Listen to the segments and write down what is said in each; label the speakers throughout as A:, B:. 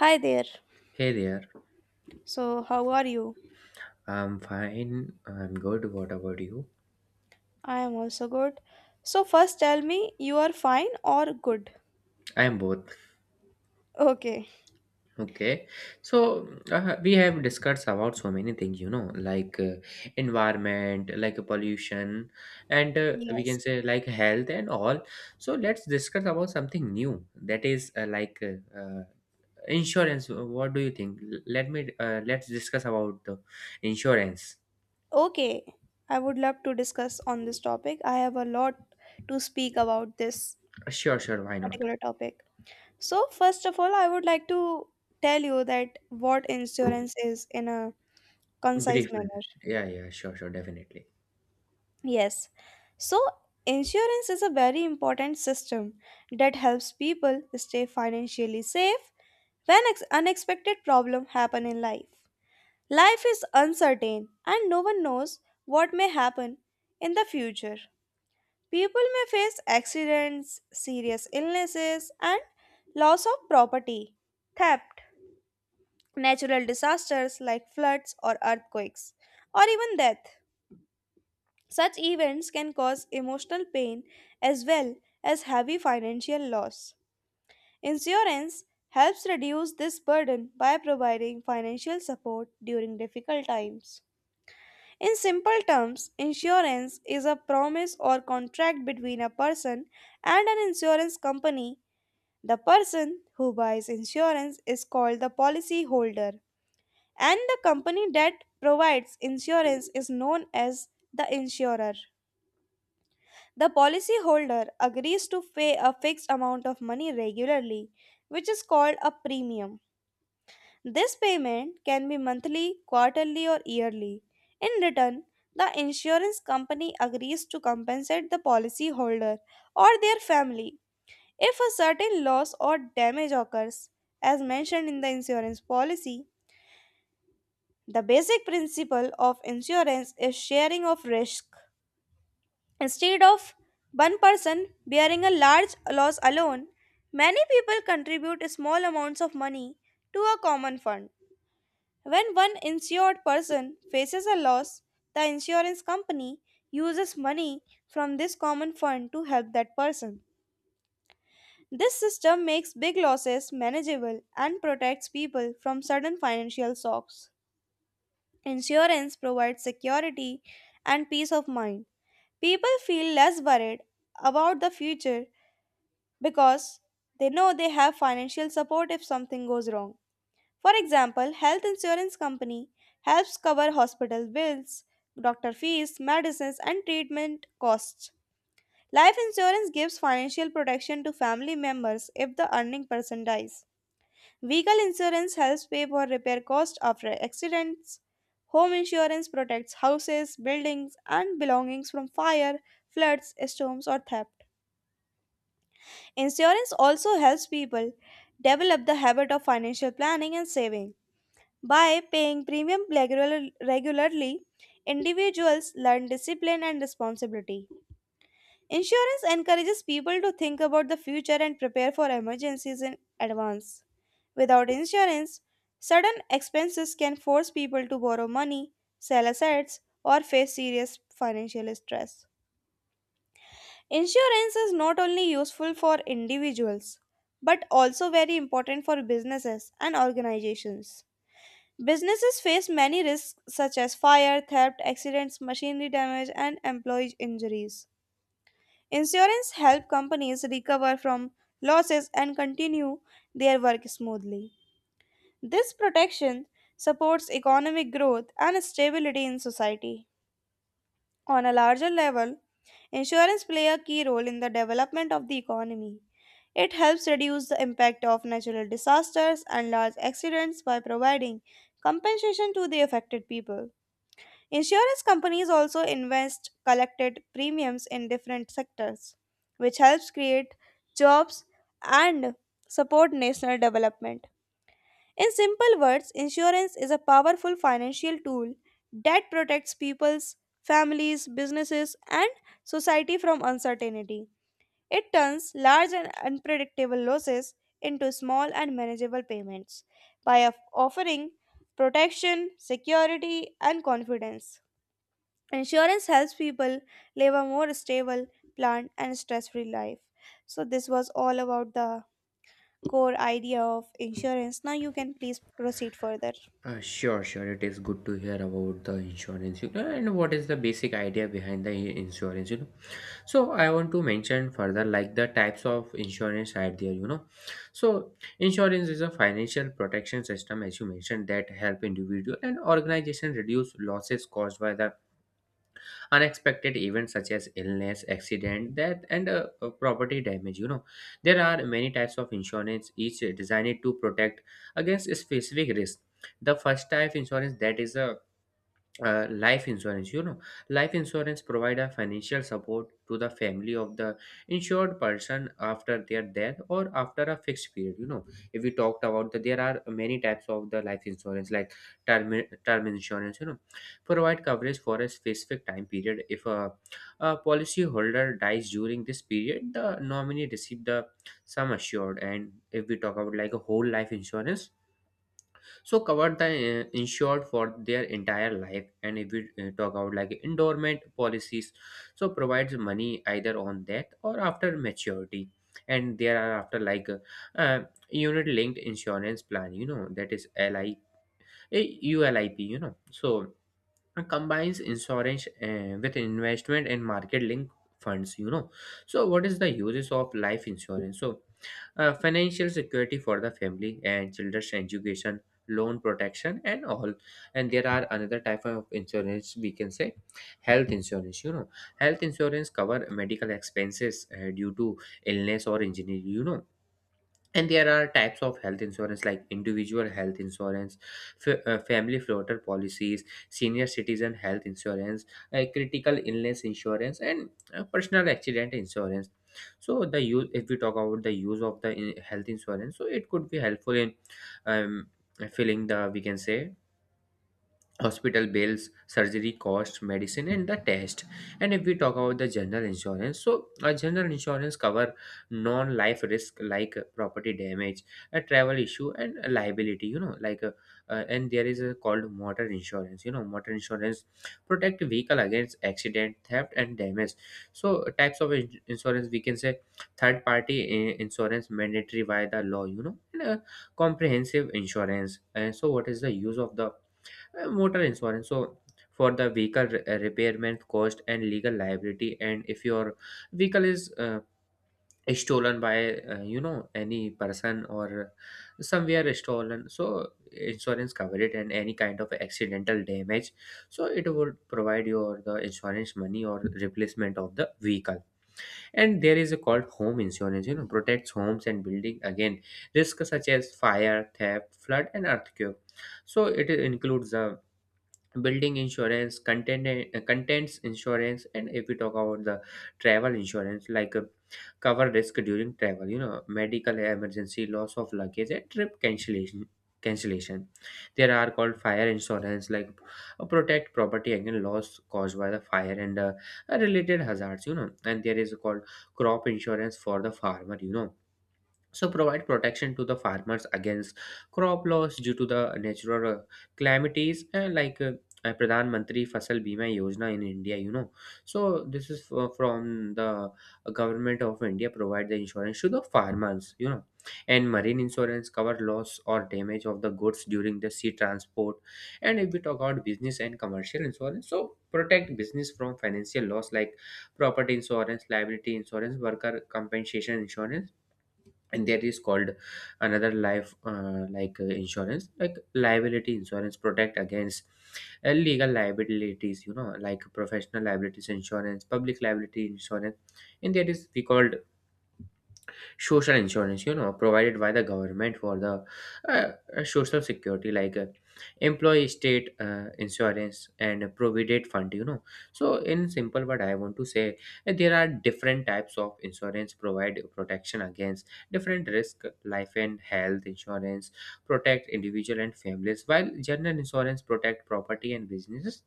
A: Hi there.
B: Hey there,
A: So, how are you?
B: I'm fine, I'm good. What about you?
A: I am also good. So, first tell me you are fine or good?
B: I'm both.
A: Okay.
B: Okay. So, we have discussed about so many things, like environment, like pollution, and we can
A: Yes.
B: say like health and all. So, let's discuss about something new that is insurance. What do you think? Let's discuss about the insurance.
A: Okay. I would love to discuss on this topic. I have a lot to speak about this
B: Sure, sure, why not?
A: particular topic. So, first of all, I would like to tell you that what insurance is in a concise
B: Briefly.
A: manner.
B: Yeah, yeah, sure, sure, definitely.
A: Yes. So, insurance is a very important system that helps people stay financially safe when unexpected problems happen in life. Life is uncertain and no one knows what may happen in the future. People may face accidents, serious illnesses, and loss of property, theft, natural disasters like floods or earthquakes, or even death. Such events can cause emotional pain as well as heavy financial loss. Insurance helps reduce this burden by providing financial support during difficult times. In simple terms, insurance is a promise or contract between a person and an insurance company. The person who buys insurance is called the policyholder, and the company that provides insurance is known as the insurer. The policyholder agrees to pay a fixed amount of money regularly, which is called a premium. This payment can be monthly, quarterly, or yearly. In return, the insurance company agrees to compensate the policyholder or their family if a certain loss or damage occurs, as mentioned in the insurance policy. The basic principle of insurance is sharing of risk. Instead of one person bearing a large loss alone, many people contribute small amounts of money to a common fund. When one insured person faces a loss, the insurance company uses money from this common fund to help that person. This system makes big losses manageable and protects people from sudden financial shocks. Insurance provides security and peace of mind. People feel less worried about the future because they know they have financial support if something goes wrong. For example, health insurance company helps cover hospital bills, doctor fees, medicines and treatment costs. Life insurance gives financial protection to family members if the earning person dies. Vehicle insurance helps pay for repair costs after accidents. Home insurance protects houses, buildings, and belongings from fire, floods, storms, or theft. Insurance also helps people develop the habit of financial planning and saving. By paying premium regularly, individuals learn discipline and responsibility. Insurance encourages people to think about the future and prepare for emergencies in advance. Without insurance, sudden expenses can force people to borrow money, sell assets, or face serious financial stress. Insurance is not only useful for individuals but also very important for businesses and organizations. Businesses face many risks such as fire, theft, accidents, machinery damage, and employee injuries. Insurance helps companies recover from losses and continue their work smoothly. This protection supports economic growth and stability in society. On a larger level, insurance play a key role in the development of the economy. It helps reduce the impact of natural disasters and large accidents by providing compensation to the affected people. Insurance companies also invest collected premiums in different sectors, which helps create jobs and support national development. In simple words, insurance is a powerful financial tool that protects people's families, businesses, and society from uncertainty. It turns large and unpredictable losses into small and manageable payments by offering protection, security, and confidence. Insurance helps people live a more stable, planned, and stress free life. So, this was all about the core idea of insurance. Now, you can please proceed further.
B: Sure, sure. It is good to hear about the insurance, and what is the basic idea behind the insurance, So I want to mention further like the types of insurance are there, So insurance is a financial protection system, as you mentioned, that help individual and organization reduce losses caused by the unexpected events such as illness, accident, death, and property damage. There are many types of insurance, each designed to protect against specific risk. The first type insurance that is a life insurance, life insurance provide a financial support to the family of the insured person after their death or after a fixed period. If we talked about that, there are many types of the life insurance, like term term insurance, provide coverage for a specific time period. If a policy holder dies during this period, the nominee receive the sum assured. And if we talk about like a whole life insurance, so covered the insured for their entire life. And if we talk about like endowment policies, so provides money either on death or after maturity. And there are after like uh, unit linked insurance plan, that is li uh, ulip, so and combines insurance with investment and market linked funds. So what is the uses of life insurance? So financial security for the family and children's education, loan protection, and all. And there are another type of insurance, we can say, health insurance. Health insurance cover medical expenses due to illness or injury. And there are types of health insurance like individual health insurance, family floater policies, senior citizen health insurance, critical illness insurance, and personal accident insurance. So the use, if we talk about the use of the health insurance, so it could be helpful in um, filling the, we can say, hospital bills, surgery costs, medicine, and the test. And if we talk about the general insurance, so a general insurance cover non-life risk like property damage, a travel issue, and a liability. And there is a called motor insurance. Motor insurance protect vehicle against accident, theft, and damage. So types of insurance, we can say, third party insurance mandatory by the law, comprehensive insurance. And so what is the use of the motor insurance? So for the vehicle repairman cost and legal liability. And if your vehicle is stolen by any person or somewhere stolen, so insurance cover it, and any kind of accidental damage, so it would provide your the insurance money or replacement of the vehicle. And there is a called home insurance, protects homes and building again risk such as fire, theft, flood, and earthquake. So it includes the building insurance, contents insurance. And if we talk about the travel insurance, like cover risk during travel, medical emergency, loss of luggage, and trip cancellation. There are called fire insurance, like protect property against loss caused by the fire and related hazards. And there is called crop insurance for the farmer. So provide protection to the farmers against crop loss due to the natural calamities, Pradhan Mantri Fasal Bima Yojana in India, you know. So this is from the government of India, provide the insurance to the farmers, you know. And marine insurance cover loss or damage of the goods during the sea transport. And if we talk about business and commercial insurance, so protect business from financial loss like property insurance, liability insurance, worker compensation insurance. And there is called another life insurance, like liability insurance protect against illegal liabilities, like professional liabilities insurance, public liability insurance. And there is we called social insurance, provided by the government for the social security, like employee state insurance and provident fund. So in simple what I want to say, there are different types of insurance provide protection against different risk. Life and health insurance protect individual and families, while general insurance protect property and businesses.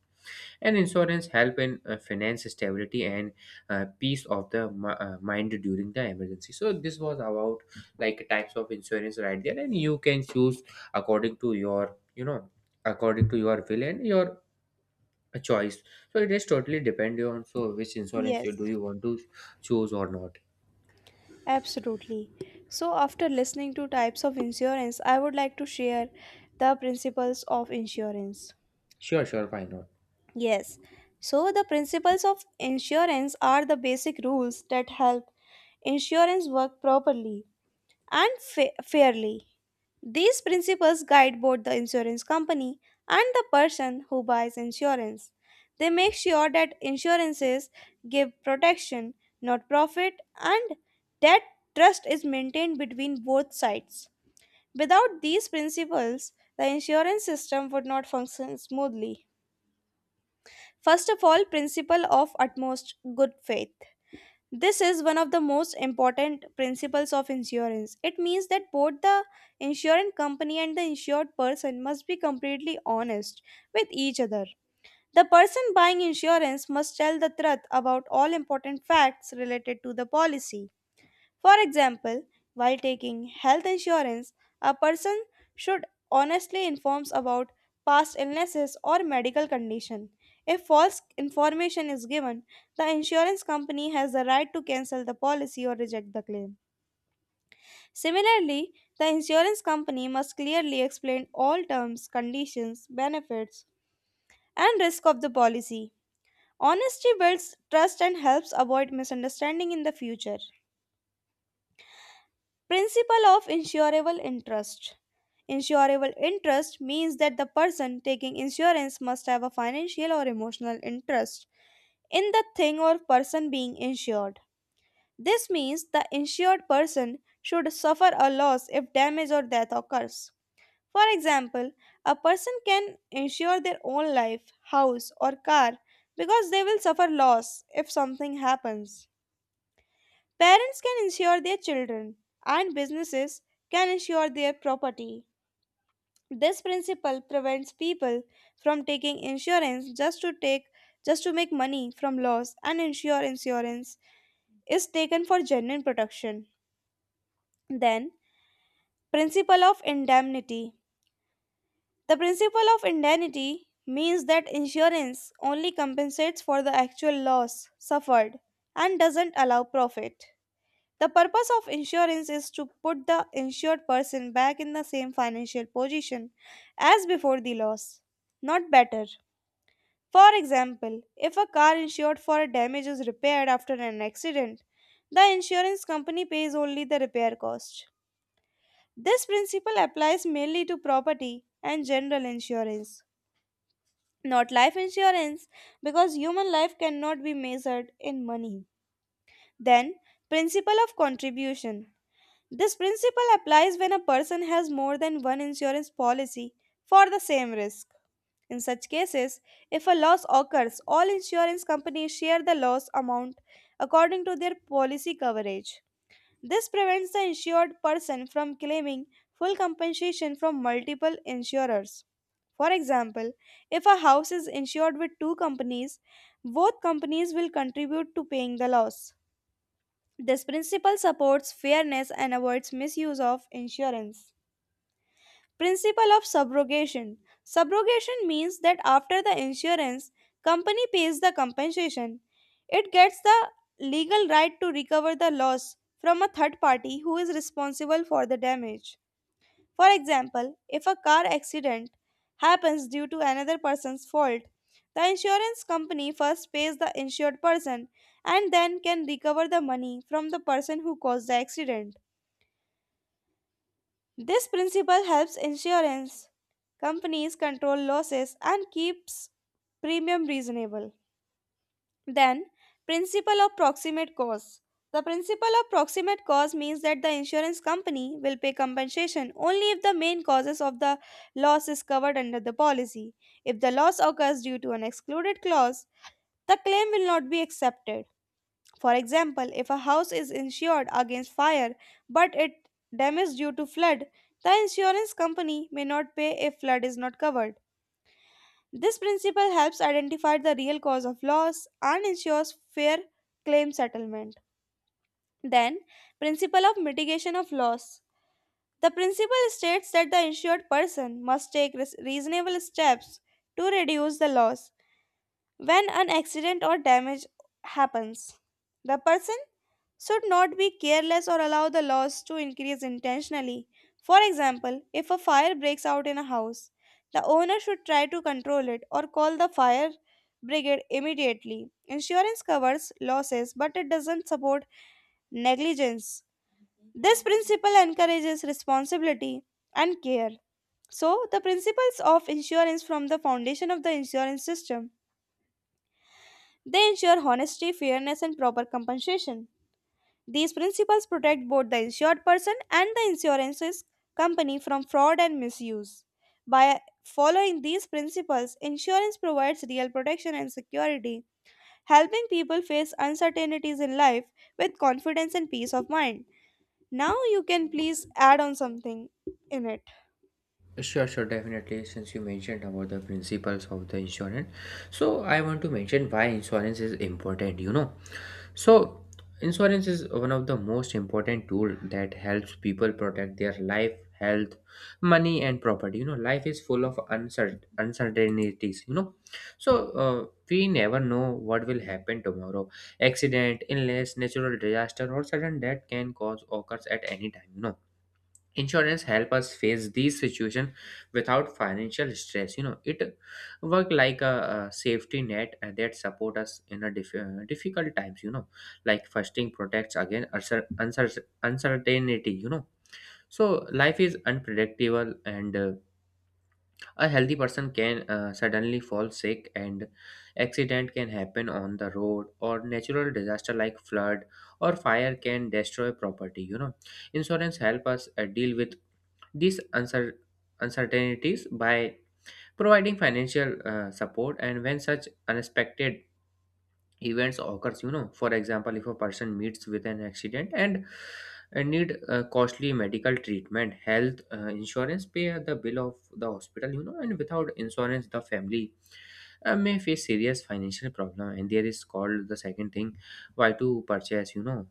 B: And insurance help in finance stability and peace of the mind during the emergency. So this was about like types of insurance right there, and you can choose according to your, according to your will and your choice. So it is totally depending on so which insurance
A: Yes,
B: you do you want to choose or not.
A: absolutely. So, after listening to types of insurance, I would like to share the principles of insurance.
B: Sure, sure, why not?
A: Yes, so the principles of insurance are the basic rules that help insurance work properly and fairly. These principles guide both the insurance company and the person who buys insurance. They make sure that insurances give protection, not profit, and that trust is maintained between both sides. Without these principles, the insurance system would not function smoothly. First of all, principle of utmost good faith. This is one of the most important principles of insurance. It means that both the insurance company and the insured person must be completely honest with each other. The person buying insurance must tell the truth about all important facts related to the policy. For example, while taking health insurance, a person should honestly inform about past illnesses or medical condition. If false information is given, the insurance company has the right to cancel the policy or reject the claim. Similarly, the insurance company must clearly explain all terms, conditions, benefits, and risk of the policy. Honesty builds trust and helps avoid misunderstanding in the future. Principle of insurable interest. Insurable interest means that the person taking insurance must have a financial or emotional interest in the thing or person being insured. This means the insured person should suffer a loss if damage or death occurs. For example, a person can insure their own life, house, or car because they will suffer loss if something happens. Parents can insure their children, and businesses can insure their property. This principle prevents people from taking insurance just to make money from loss, and ensure insurance is taken for genuine protection. Then, principle of indemnity. The principle of indemnity means that insurance only compensates for the actual loss suffered and doesn't allow profit. The purpose of insurance is to put the insured person back in the same financial position as before the loss, not better. For example, if a car insured for damage is repaired after an accident, the insurance company pays only the repair cost. This principle applies mainly to property and general insurance, not life insurance, because human life cannot be measured in money. Then, principle of contribution. This principle applies when a person has more than one insurance policy for the same risk. In such cases, if a loss occurs, all insurance companies share the loss amount according to their policy coverage. This prevents the insured person from claiming full compensation from multiple insurers. For example, if a house is insured with two companies, both companies will contribute to paying the loss. This principle supports fairness and avoids misuse of insurance. Principle of subrogation. Subrogation means that after the insurance company pays the compensation, it gets the legal right to recover the loss from a third party who is responsible for the damage. For example, if a car accident happens due to another person's fault, the insurance company first pays the insured person and then can recover the money from the person who caused the accident. This principle helps insurance companies control losses and keeps premium reasonable. Then, principle of proximate cause. The principle of proximate cause means that the insurance company will pay compensation only if the main causes of the loss is covered under the policy. If the loss occurs due to an excluded clause, the claim will not be accepted. For example, if a house is insured against fire but it damaged due to flood, the insurance company may not pay if flood is not covered. This principle helps identify the real cause of loss and ensures fair claim settlement. Then, principle of mitigation of loss. The principle states that the insured person must take reasonable steps to reduce the loss. When an accident or damage happens, the person should not be careless or allow the loss to increase intentionally. For example, if a fire breaks out in a house, the owner should try to control it or call the fire brigade immediately. Insurance covers losses, but it doesn't support negligence. This principle encourages responsibility and care. So, the principles of insurance from the foundation of the insurance system. They ensure honesty, fairness, and proper compensation. These principles protect both the insured person and the insurance company from fraud and misuse. By following these principles, insurance provides real protection and security, helping people face uncertainties in life with confidence and peace of mind. Now, you can please add on something in it.
B: Sure, sure, definitely. Since you mentioned about the principles of the insurance, so I want to mention why insurance is important, you know. So, insurance is one of the most important tool that helps people protect their life, health, money, and property. You know, life is full of uncertainties. You know, so we never know what will happen tomorrow. Accident, illness, natural disaster, or sudden death can cause occurs at any time. You know, insurance help us face these situations without financial stress. It work like a safety net that support us in a difficult times. Like fasting protects against uncertainty. So life is unpredictable, and a healthy person can suddenly fall sick, and accident can happen on the road, or natural disaster like flood or fire can destroy property. Insurance help us deal with these uncertainties by providing financial support, and when such unexpected events occurs. For example, if a person meets with an accident and need costly medical treatment, health insurance pay the bill of the hospital. And without insurance, the family may face serious financial problem. And there is called the second thing, why to purchase, you know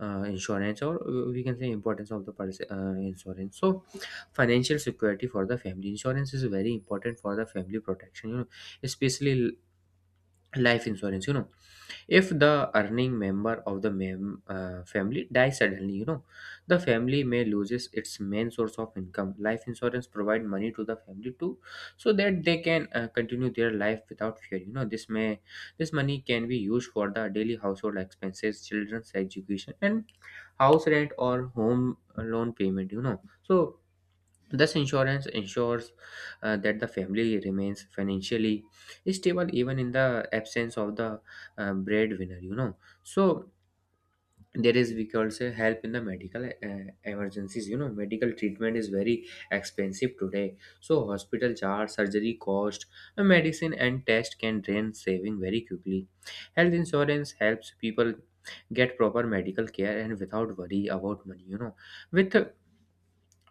B: uh, insurance, or we can say importance of the insurance. So financial security for the family, insurance is very important for the family protection. Especially life insurance. If the earning member of the family dies suddenly, the family may loses its main source of income. Life insurance provide money to the family too, so that they can continue their life without fear. This money can be used for the daily household expenses, children's education, and house rent or home loan payment. So thus, insurance ensures that the family remains financially stable even in the absence of the breadwinner, you know. So, there is, we call say, help in the medical emergencies. You know, medical treatment is very expensive today. So, hospital charge, surgery cost, medicine, and test can drain saving very quickly. Health insurance helps people get proper medical care and without worry about money, you know. With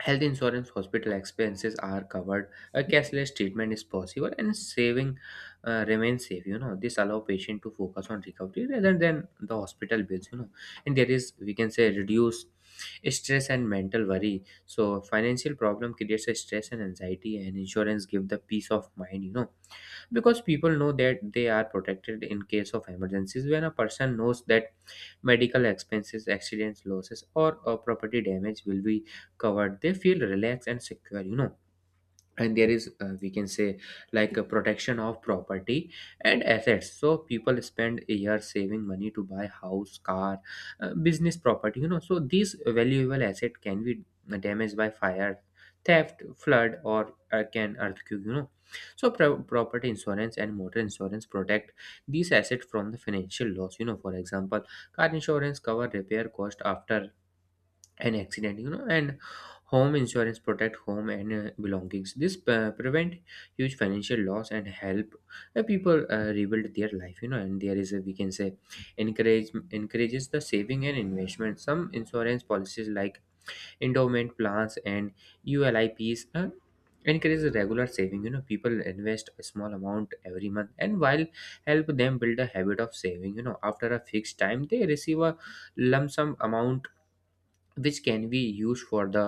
B: health insurance, hospital expenses are covered, a cashless treatment is possible, and saving remains safe. You know, this allow patient to focus on recovery rather than the hospital bills. You know, and there is we can say reduce stress and mental worry. So financial problem creates a stress and anxiety, and insurance give the peace of mind. Because people know that they are protected in case of emergencies. When a person knows that medical expenses, accidents, losses, or property damage will be covered, they feel relaxed and secure. And there is, we can say, like a protection of property and assets. So people spend a year saving money to buy house, car, business property. So these valuable asset can be damaged by fire, theft, flood, or can earthquake. So property insurance and motor insurance protect these assets from the financial loss. For example, car insurance cover repair cost after an accident. And home insurance protect home and belongings. This prevent huge financial loss and help people rebuild their life. And there is, a, we can say, encourages the saving and investment. Some insurance policies like endowment plans and ulips encourage regular saving. People invest a small amount every month, and while help them build a habit of saving. After a fixed time they receive a lump sum amount which can be used for the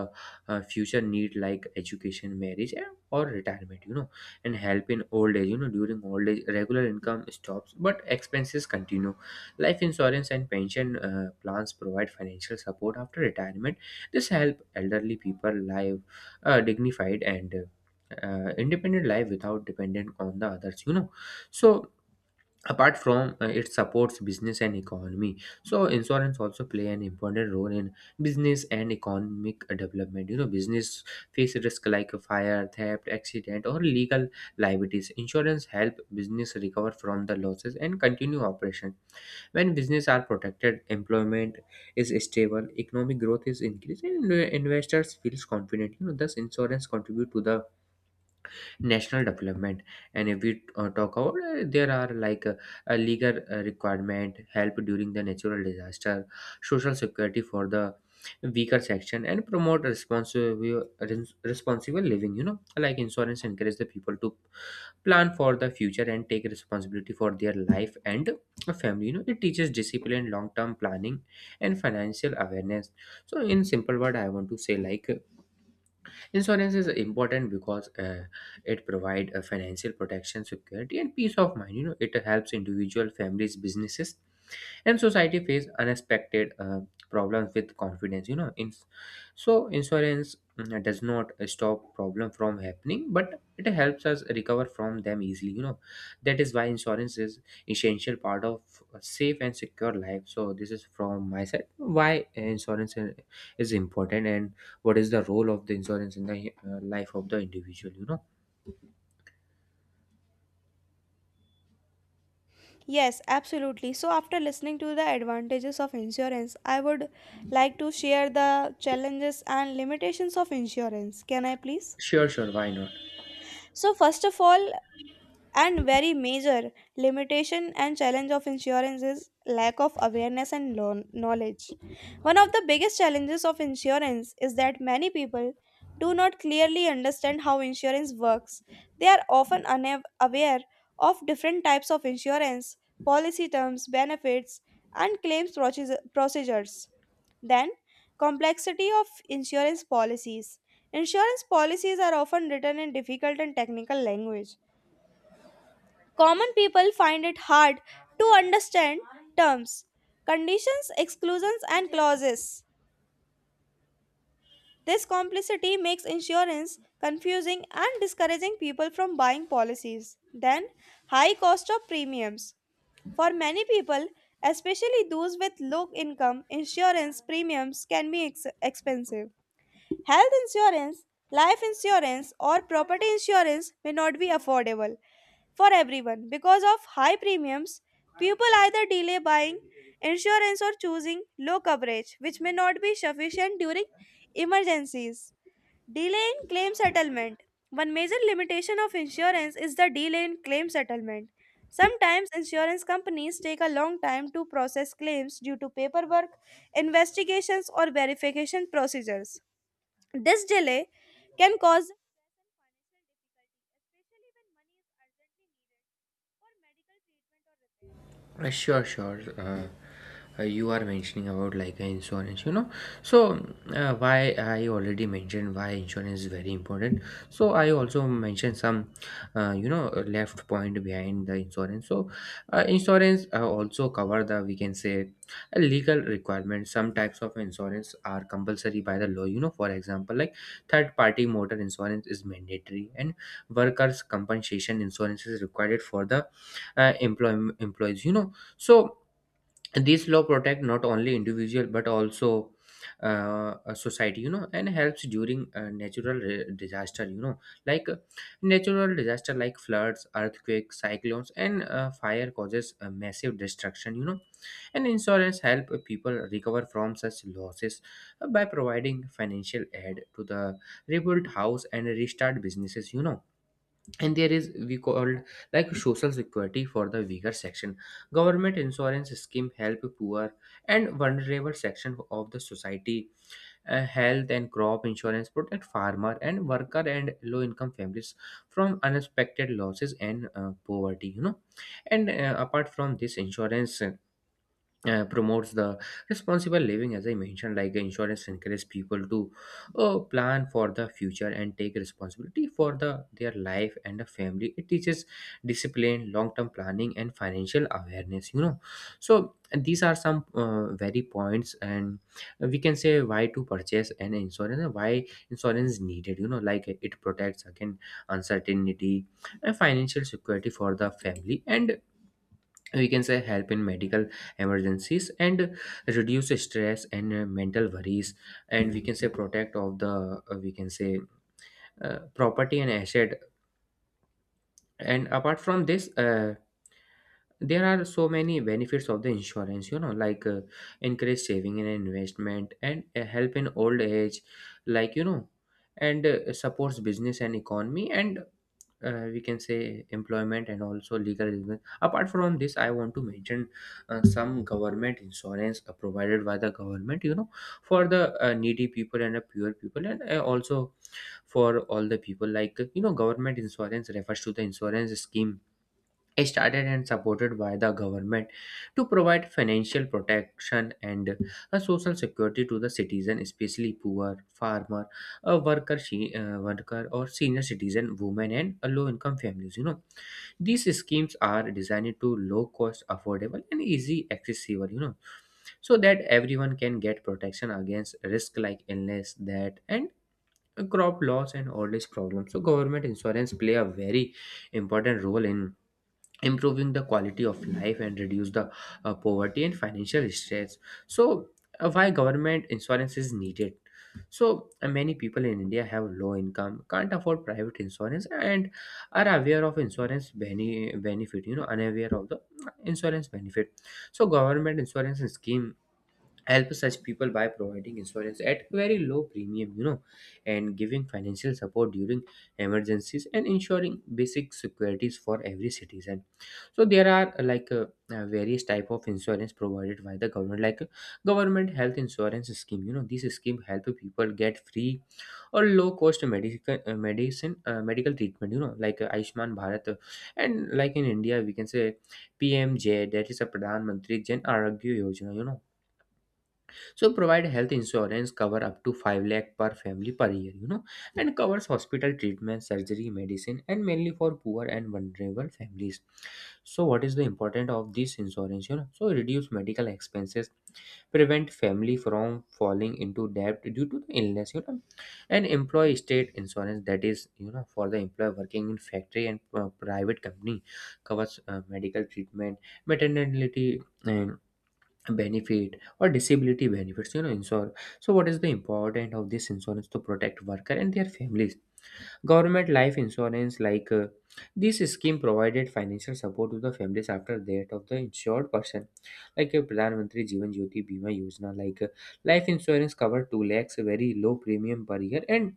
B: future need like education, marriage, or retirement. And help in old age. During old age regular income stops but expenses continue. Life insurance and pension plans provide financial support after retirement. This help elderly people live dignified and independent life without dependent on the others. So apart from, it supports business and economy. So insurance also play an important role in business and economic development. Business face risk like a fire, theft, accident, or legal liabilities. Insurance help business recover from the losses and continue operation. When business are protected, employment is stable, economic growth is increased, and investors feels confident. Thus insurance contribute to the national development. And if we talk about, there are, like, a legal requirement, help during the natural disaster, social security for the weaker section, and promote responsible living. Like insurance encourage the people to plan for the future and take responsibility for their life and a family. It teaches discipline, long term planning, and financial awareness. So in simple word I want to say, like, insurance is important because, it provides financial protection, security, and peace of mind. It helps individual, families, businesses, and society face unexpected problems with confidence. In So insurance does not stop problem from happening, but it helps us recover from them easily. That is why insurance is essential part of a safe and secure life. So this is from my side, why insurance is important, and what is the role of the insurance in the life of the individual.
A: Yes, absolutely. So, after listening to the advantages of insurance, I would like to share the challenges and limitations of insurance. Can I please?
B: Sure, sure, why not?
A: So, first of all, and very major limitation and challenge of insurance is lack of awareness and knowledge. One of the biggest challenges of insurance is that many people do not clearly understand how insurance works. They are often unaware of different types of insurance policy terms, benefits, and claims procedures. Then, complexity of insurance policies. Insurance policies are often written in difficult and technical language. Common people find it hard to understand terms, conditions, exclusions, and clauses. This complicity makes insurance confusing and discouraging people from buying policies. Then, high cost of premiums. For many people, especially those with low income, insurance premiums can be expensive. Health insurance, life insurance, or property insurance may not be affordable for everyone because of high premiums. People either delay buying insurance or choosing low coverage, which may not be sufficient during emergencies. Delay in claim settlement. One major limitation of insurance is the delay in claim settlement. Sometimes insurance companies take a long time to process claims due to paperwork, investigations, or verification procedures. This delay can cause
B: Sure, sure. You are mentioning about, like, insurance. So why I already mentioned why insurance is very important. So I also mentioned some left point behind the insurance. So insurance also cover, the we can say, legal requirements. Some types of insurance are compulsory by the law. For example, like third party motor insurance is mandatory, and workers compensation insurance is required for the employees. So this law protect not only individual but also a society, and helps during natural disaster. Like, natural disaster like floods, earthquakes, cyclones, and fire causes massive destruction. And insurance help people recover from such losses by providing financial aid to the rebuilt house and restart businesses. And there is, we called, like, social security for the weaker section. Government insurance scheme help poor and vulnerable section of the society. Health and crop insurance protect farmer and worker and low income families from unexpected losses and poverty. And apart from this insurance promotes the responsible living. As I mentioned, like insurance encourages people to plan for the future and take responsibility for their life and the family. It teaches discipline, long term planning, and financial awareness. So these are some very points. And we can say, why to purchase an insurance and why insurance is needed. Like, it protects against uncertainty and financial security for the family. And we can say, help in medical emergencies and reduce stress and mental worries. And we can say, protect of the, we can say, property and asset. And apart from this, there are so many benefits of the insurance, like encourage saving and investment, and help in old age like you know and supports business and economy, and we can say employment and also legal reasons. Apart from this, I want to mention some government insurance provided by the government, for the needy people and the poor people, and also for all the people, like. Government insurance refers to the insurance scheme started and supported by the government, to provide financial protection and a social security to the citizen, especially poor farmer, a worker, or senior citizen, women, and low income families. These schemes are designed to low cost, affordable, and easy accessible, so that everyone can get protection against risk like illness that, and crop loss, and all these problems. So government insurance play a very important role in improving the quality of life and reduce the poverty and financial stress. So why government insurance is needed? So many people in India have low income, can't afford private insurance, and are aware of insurance benefit, unaware of the insurance benefit. So government insurance scheme help such people by providing insurance at very low premium, and giving financial support during emergencies and ensuring basic securities for every citizen. So there are, various type of insurance provided by the government, like government health insurance scheme. This scheme help people get free or low cost medical treatment. Like Ayushman Bharat, and like in India we can say PMJ, that is a Pradhan Mantri Jan Arogya Yojana. So provide health insurance cover up to 5 lakh per family per year. And covers hospital treatment, surgery, medicine, and mainly for poor and vulnerable families. So what is the importance of this insurance? So reduce medical expenses, prevent family from falling into debt due to the illness. And employee state insurance, that is for the employer working in factory and private company. Covers medical treatment, maternity, and benefit, or disability benefits, insure. So what is the important of this insurance? To protect worker and their families. Government life insurance, like this scheme provided financial support to the families after death of the insured person, like a Pradhan Mantri Jeevan Jyoti Bima Yojana. Like life insurance cover 2 lakhs, a very low premium per year, and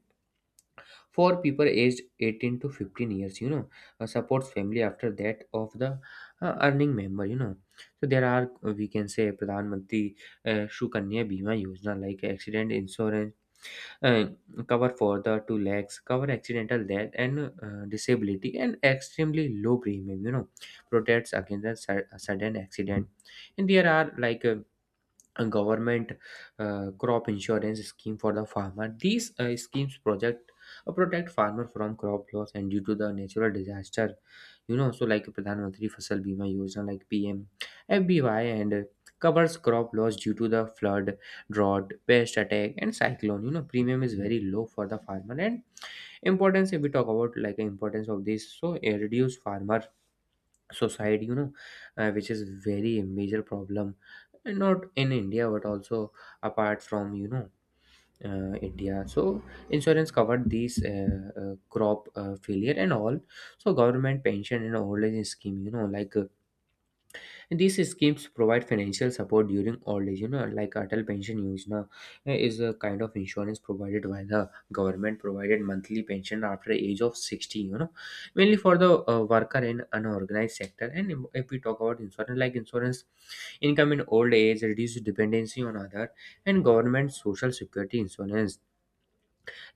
B: for people aged 18 to 15 years. Supports family after that of the earning member. So there are, we can say, Pradhan Mantri Sukanya Bima Yojana, like accident insurance, uh, cover for the 2 lakhs, cover accidental death and disability, and extremely low premium. Protects against a sudden accident. And there are, like, a government crop insurance scheme for the farmer. These schemes project, protect farmer from crop loss and due to the natural disaster. So like Pradhan Mantri Fasal Bima Yojana, like PMFBY, and covers crop loss due to the flood, drought, pest attack, and cyclone. Premium is very low for the farmer. And importance, if we talk about, like, importance of this, so it reduce farmer society, which is very major problem, and not in India but also apart from, India. So insurance covered these crop failure and all. So government pension and old age scheme, like these schemes provide financial support during old age. Like Atal Pension Yojana, is a kind of insurance provided by the government, provided monthly pension after age of 60. Mainly for the worker in unorganized sector. And if we talk about insurance, like insurance income in old age, reduce dependency on other. And government social security insurance,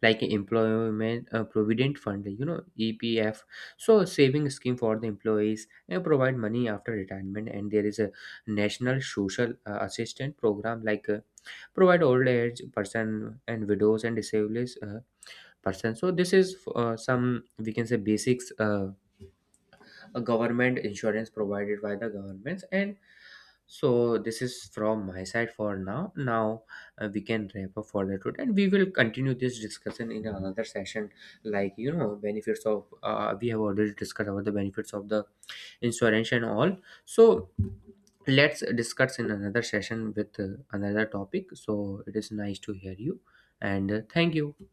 B: like employment provident fund, EPF. So a saving scheme for the employees, and provide money after retirement. And there is a national social assistance program, like provide old age person and widows and disabled person. So this is some, we can say, basics a government insurance provided by the governments. And so this is from my side for now. We can wrap up for the today, and we will continue this discussion in another session, like benefits of, we have already discussed about the benefits of the insurance and all. So let's discuss in another session with another topic. So it is nice to hear you, and thank you.